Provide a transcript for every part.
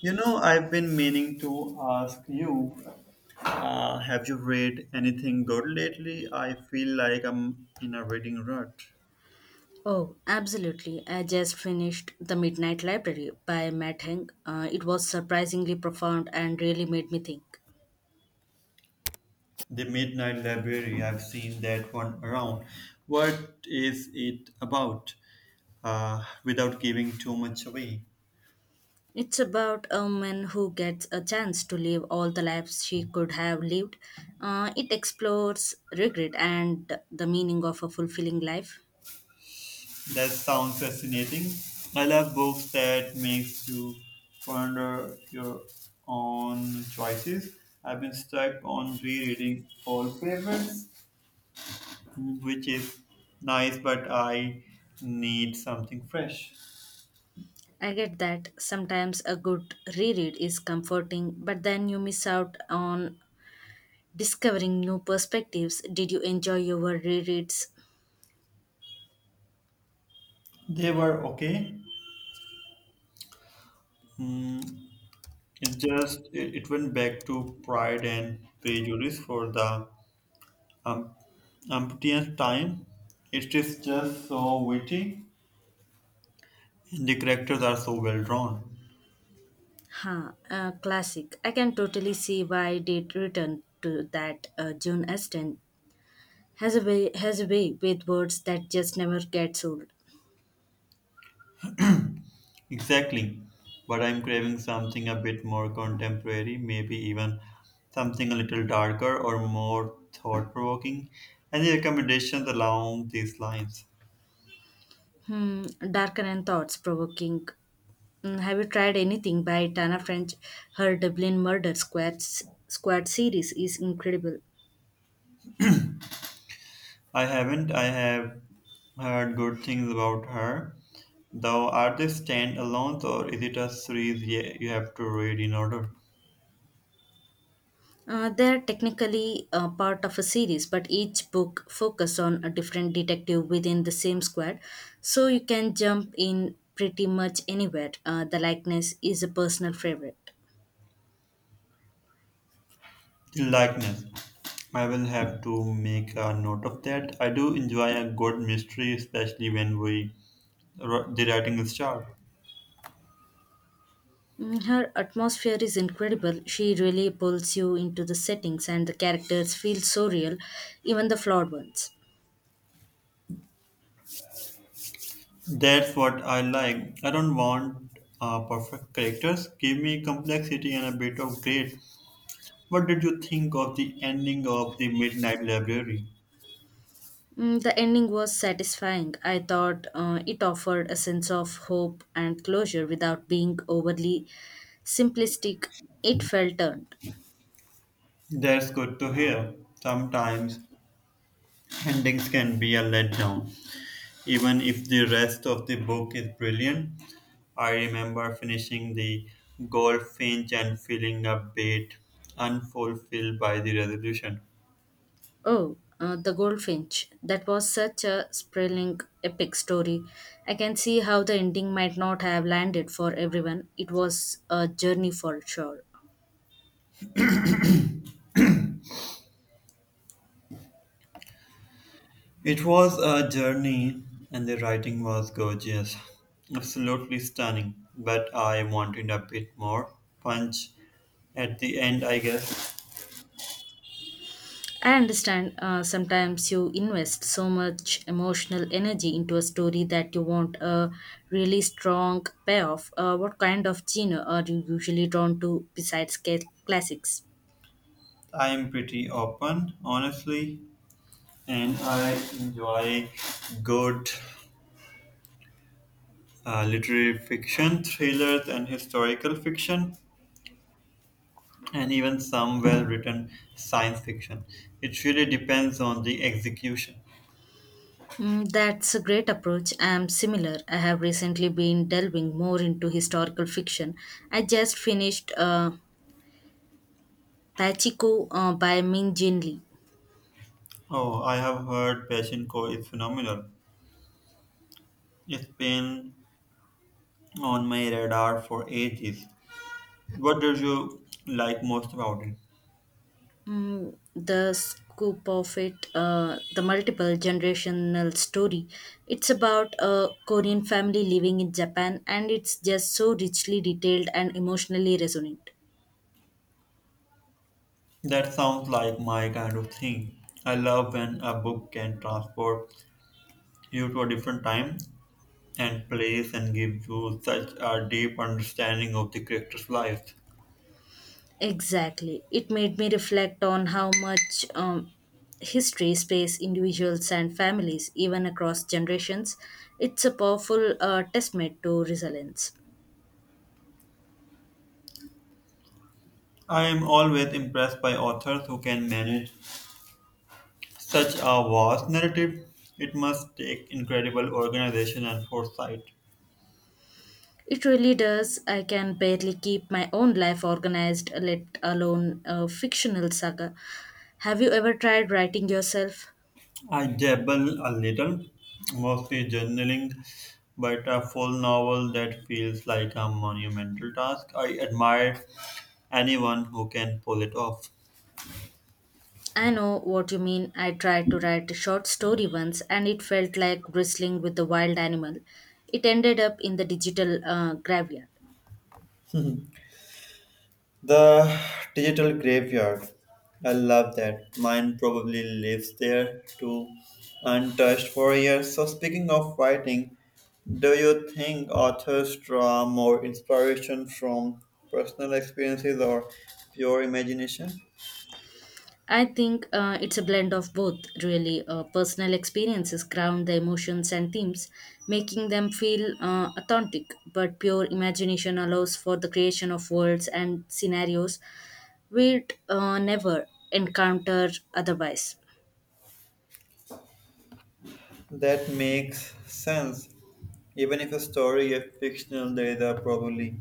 You know, I've been meaning to ask you, have you read anything good lately? I feel like I'm in a reading rut. Oh, absolutely. I just finished The Midnight Library by Matt Heng. It was surprisingly profound and really made me think. The Midnight Library, I've seen that one around. What is it about? Without giving too much away. It's about a woman who gets a chance to live all the lives she could have lived. It explores regret and the meaning of a fulfilling life. That sounds fascinating. I love books that makes you ponder your own choices. I've been stuck on rereading old favorites, which is nice, but I need something fresh. I get that sometimes a good reread is comforting, but then you miss out on discovering new perspectives. Did you enjoy your rereads? They were okay. Mm, it just it, it went back to Pride and Prejudice for the um, umpteenth time. It is just so witty, and the characters are so well drawn. Classic. I can totally see why it returned to that. June Austen has a way with words that just never gets old. Exactly, but I'm craving something a bit more contemporary, maybe even something a little darker or more thought provoking. Any recommendations along these lines? Hmm, Darker and thoughts provoking. Have you tried anything by Tana French? Her Dublin Murder Squad series is incredible. I haven't. I have heard good things about her. Though, are they standalones or is it a series you have to read in order They're technically part of a series, but each book focuses on a different detective within the same squad, so you can jump in pretty much anywhere. The likeness is a personal favorite. to likeness? I will have to make a note of that. I do enjoy a good mystery, especially when the writing is sharp. Her atmosphere is incredible. She really pulls you into the settings, and the characters feel so real, even the flawed ones. That's what I like. I don't want perfect characters. Give me complexity and a bit of grit. What did you think of the ending of the Midnight Library? The ending was satisfying. I thought it offered a sense of hope and closure without being overly simplistic. It felt earned. That's good to hear. Sometimes endings can be a letdown, even if the rest of the book is brilliant. I remember finishing the Goldfinch and feeling a bit unfulfilled by the resolution. Oh, The Goldfinch. That was such a sprawling, epic story. I can see how the ending might not have landed for everyone. It was a journey for sure. It was a journey, and the writing was gorgeous, absolutely stunning. But I wanted a bit more punch at the end, I guess. I understand, sometimes you invest so much emotional energy into a story that you want a really strong payoff. What kind of genre are you usually drawn to besides classics? I'm pretty open, honestly, and I enjoy good literary fiction, thrillers, and historical fiction, and even some well written science fiction. It really depends on the execution. That's a great approach. I am similar. I have recently been delving more into historical fiction. I just finished Pachiko by Min Jin Lee. Oh, I have heard Pachinko is phenomenal. It's been on my radar for ages. What did you like most about it? The scoop of it, the multiple generational story. It's about a Korean family living in Japan, and it's just so richly detailed and emotionally resonant. That sounds like my kind of thing. I love when a book can transport you to a different time and plays and gives you such a deep understanding of the character's life. Exactly. It made me reflect on how much history space individuals and families, even across generations. It's a powerful testament to resilience. I am always impressed by authors who can manage such a vast narrative. It must take incredible organization and foresight. It really does. I can barely keep my own life organized, let alone a fictional saga. Have you ever tried writing yourself? I dabble a little, mostly journaling, but a full novel that feels like a monumental task. I admire anyone who can pull it off. I know what you mean. I tried to write a short story once and it felt like wrestling with a wild animal. It ended up in the digital graveyard. The digital graveyard. I love that. Mine probably lives there too, untouched for years. So, speaking of writing, do you think authors draw more inspiration from personal experiences or pure imagination? I think it's a blend of both, really. Personal experiences ground the emotions and themes, making them feel authentic, but pure imagination allows for the creation of worlds and scenarios we'd never encounter otherwise. That makes sense. Even if a story is fictional, there is a probably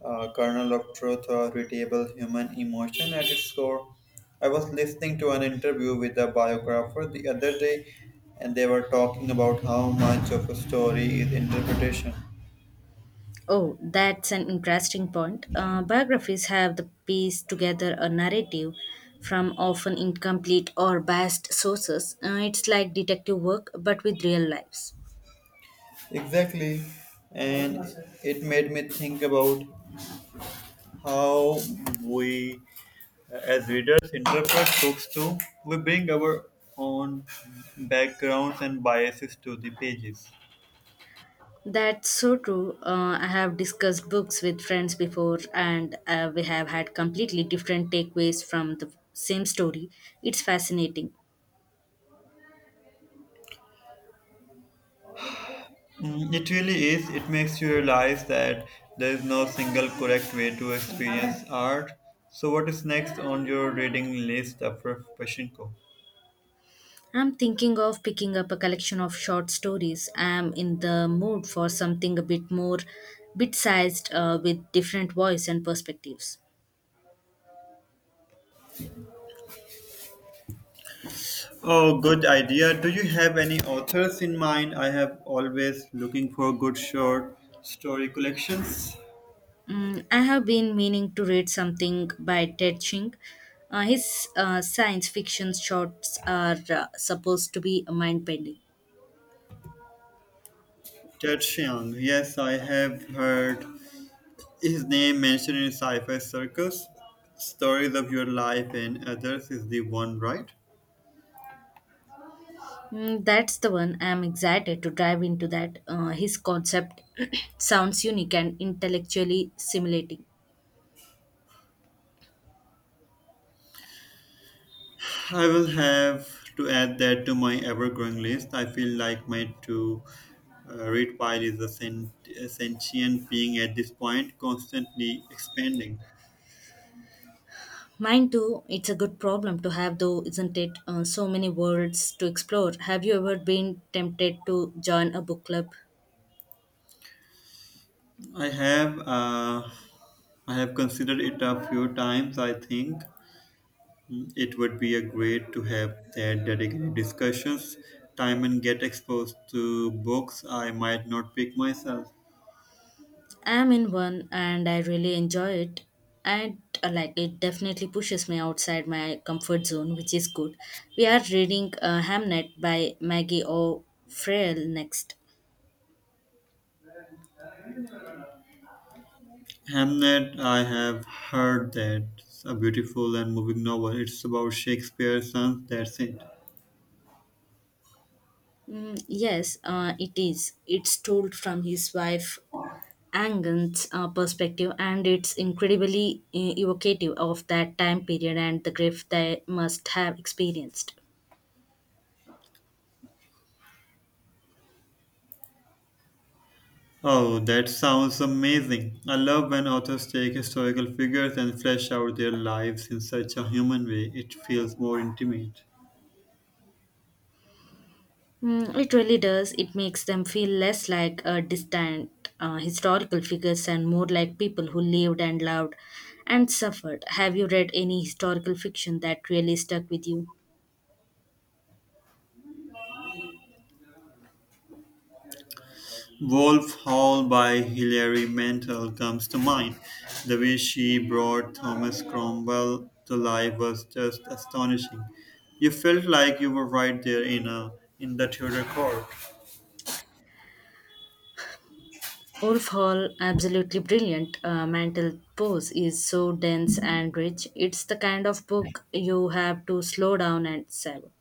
a kernel of truth or relatable human emotion at its core. I was listening to an interview with a biographer the other day, and they were talking about how much of a story is interpretation. Oh, that's an interesting point. Biographies have the piece together a narrative from often incomplete or biased sources. It's like detective work, but with real lives. Exactly. And it made me think about how we, as readers, interpret books too. We bring our own backgrounds and biases to the pages. That's so true. I have discussed books with friends before, and we have had completely different takeaways from the same story. It's fascinating. It really is. It makes you realize that there is no single correct way to experience art. So, what is next on your reading list after Pashinko? I'm thinking of picking up a collection of short stories. I'm in the mood for something a bit more bit sized, with different voice and perspectives. Oh, good idea. Do you have any authors in mind? I have always looking for good short story collections. I have been meaning to read something by Ted Ching. His science fiction shorts are supposed to be mind bending. Ted Chiang. Yes, I have heard his name mentioned in sci-fi circles. Stories of your life and others is the one, right? That's the one. I'm excited to dive into that. His concept sounds unique and intellectually stimulating. I will have to add that to my ever-growing list. I feel like my to read pile is a sentient being at this point, constantly expanding. Mine too. It's a good problem to have, though, isn't it? So many worlds to explore. Have you ever been tempted to join a book club? I have uh, I have considered it a few times. I think it would be a great to have that dedicated discussions time and get exposed to books I might not pick myself. I'm in one, and I really enjoy it. And like it definitely pushes me outside my comfort zone, which is good. We are reading Hamnet by Maggie O'Farrell next. Hamnet, I have heard that it's a beautiful and moving novel. It's about Shakespeare's son, that's it. Mm, yes, it is. It's told from his wife Angan's perspective, and it's incredibly evocative of that time period and the grief they must have experienced. Oh, that sounds amazing. I love when authors take historical figures and flesh out their lives in such a human way. It feels more intimate. It really does. It makes them feel less like distant historical figures and more like people who lived and loved and suffered. Have you read any historical fiction that really stuck with you? Wolf Hall by Hilary Mantel comes to mind. The way she brought Thomas Cromwell to life was just astonishing. You felt like you were right there in a in the Tudor court. Wolf Hall, absolutely brilliant. Mantle Pose is so dense and rich. It's the kind of book you have to slow down and savor.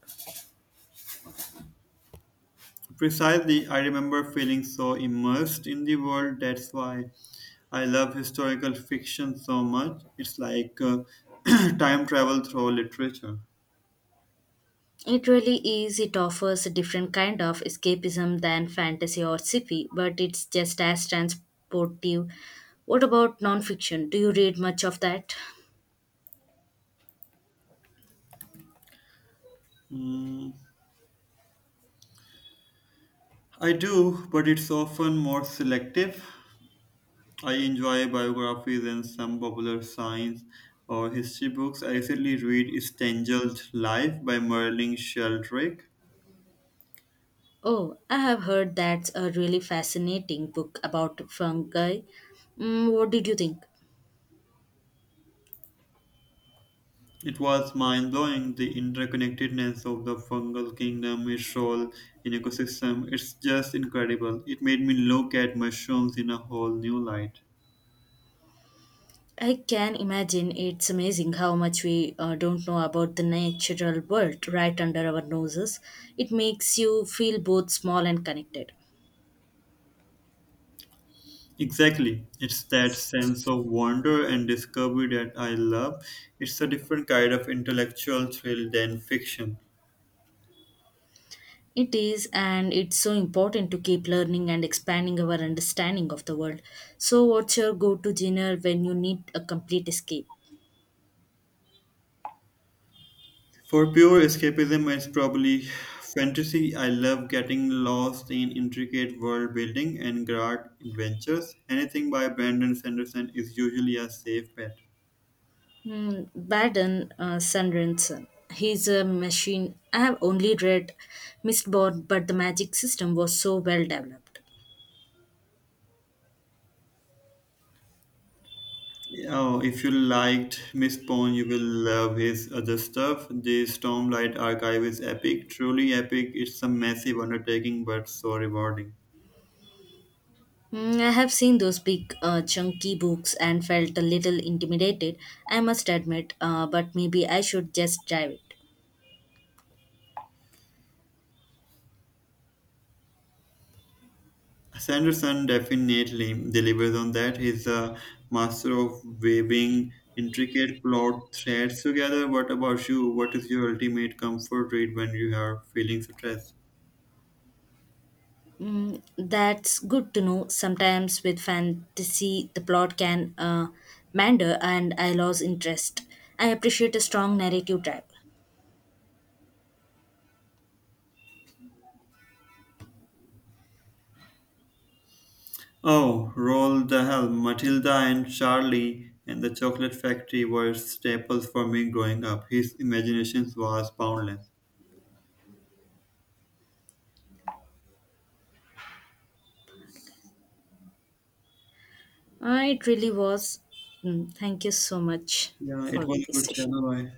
Precisely, I remember feeling so immersed in the world. That's why I love historical fiction so much. It's like time travel through literature. It really is. It offers a different kind of escapism than fantasy or sci-fi, but it's just as transportive. What about nonfiction? Do you read much of that? Mm, I do, but it's often more selective. I enjoy biographies and some popular science or history books. I recently read Stengel's Life by Merlin Sheldrake. Oh, I have heard that's a really fascinating book about fungi. Mm, what did you think? It was mind blowing, the interconnectedness of the fungal kingdom, its role in ecosystem. It's just incredible. It made me look at mushrooms in a whole new light. I can imagine it's amazing how much we don't know about the natural world right under our noses. It makes you feel both small and connected. Exactly. It's that sense of wonder and discovery that I love. It's a different kind of intellectual thrill than fiction. It is, and it's so important to keep learning and expanding our understanding of the world. So, what's your go to dinner when you need a complete escape? For pure escapism, it's probably fantasy. I love getting lost in intricate world building and grand adventures. Anything by Brandon Sanderson is usually a safe bet. Baden Sunrenson. He's a machine. I have only read Mistborn, but the magic system was so well developed. Oh, if you liked Miss Pond, you will love his other stuff. The Stormlight Archive is epic, truly epic. It's a massive undertaking, but so rewarding. I have seen those big, chunky books and felt a little intimidated, I must admit, but maybe I should just dive it. Sanderson definitely delivers on that. He's a master of weaving intricate plot threads together. What about you? What is your ultimate comfort read when you are feeling stressed? That's good to know. Sometimes with fantasy, the plot can, meander and I lose interest. I appreciate a strong narrative drive. Oh, Roll the Hell, Matilda and Charlie and the Chocolate Factory were staples for me growing up. His imagination was boundless. It really was. Mm, thank you so much Yeah, it for was a this good session. channel. I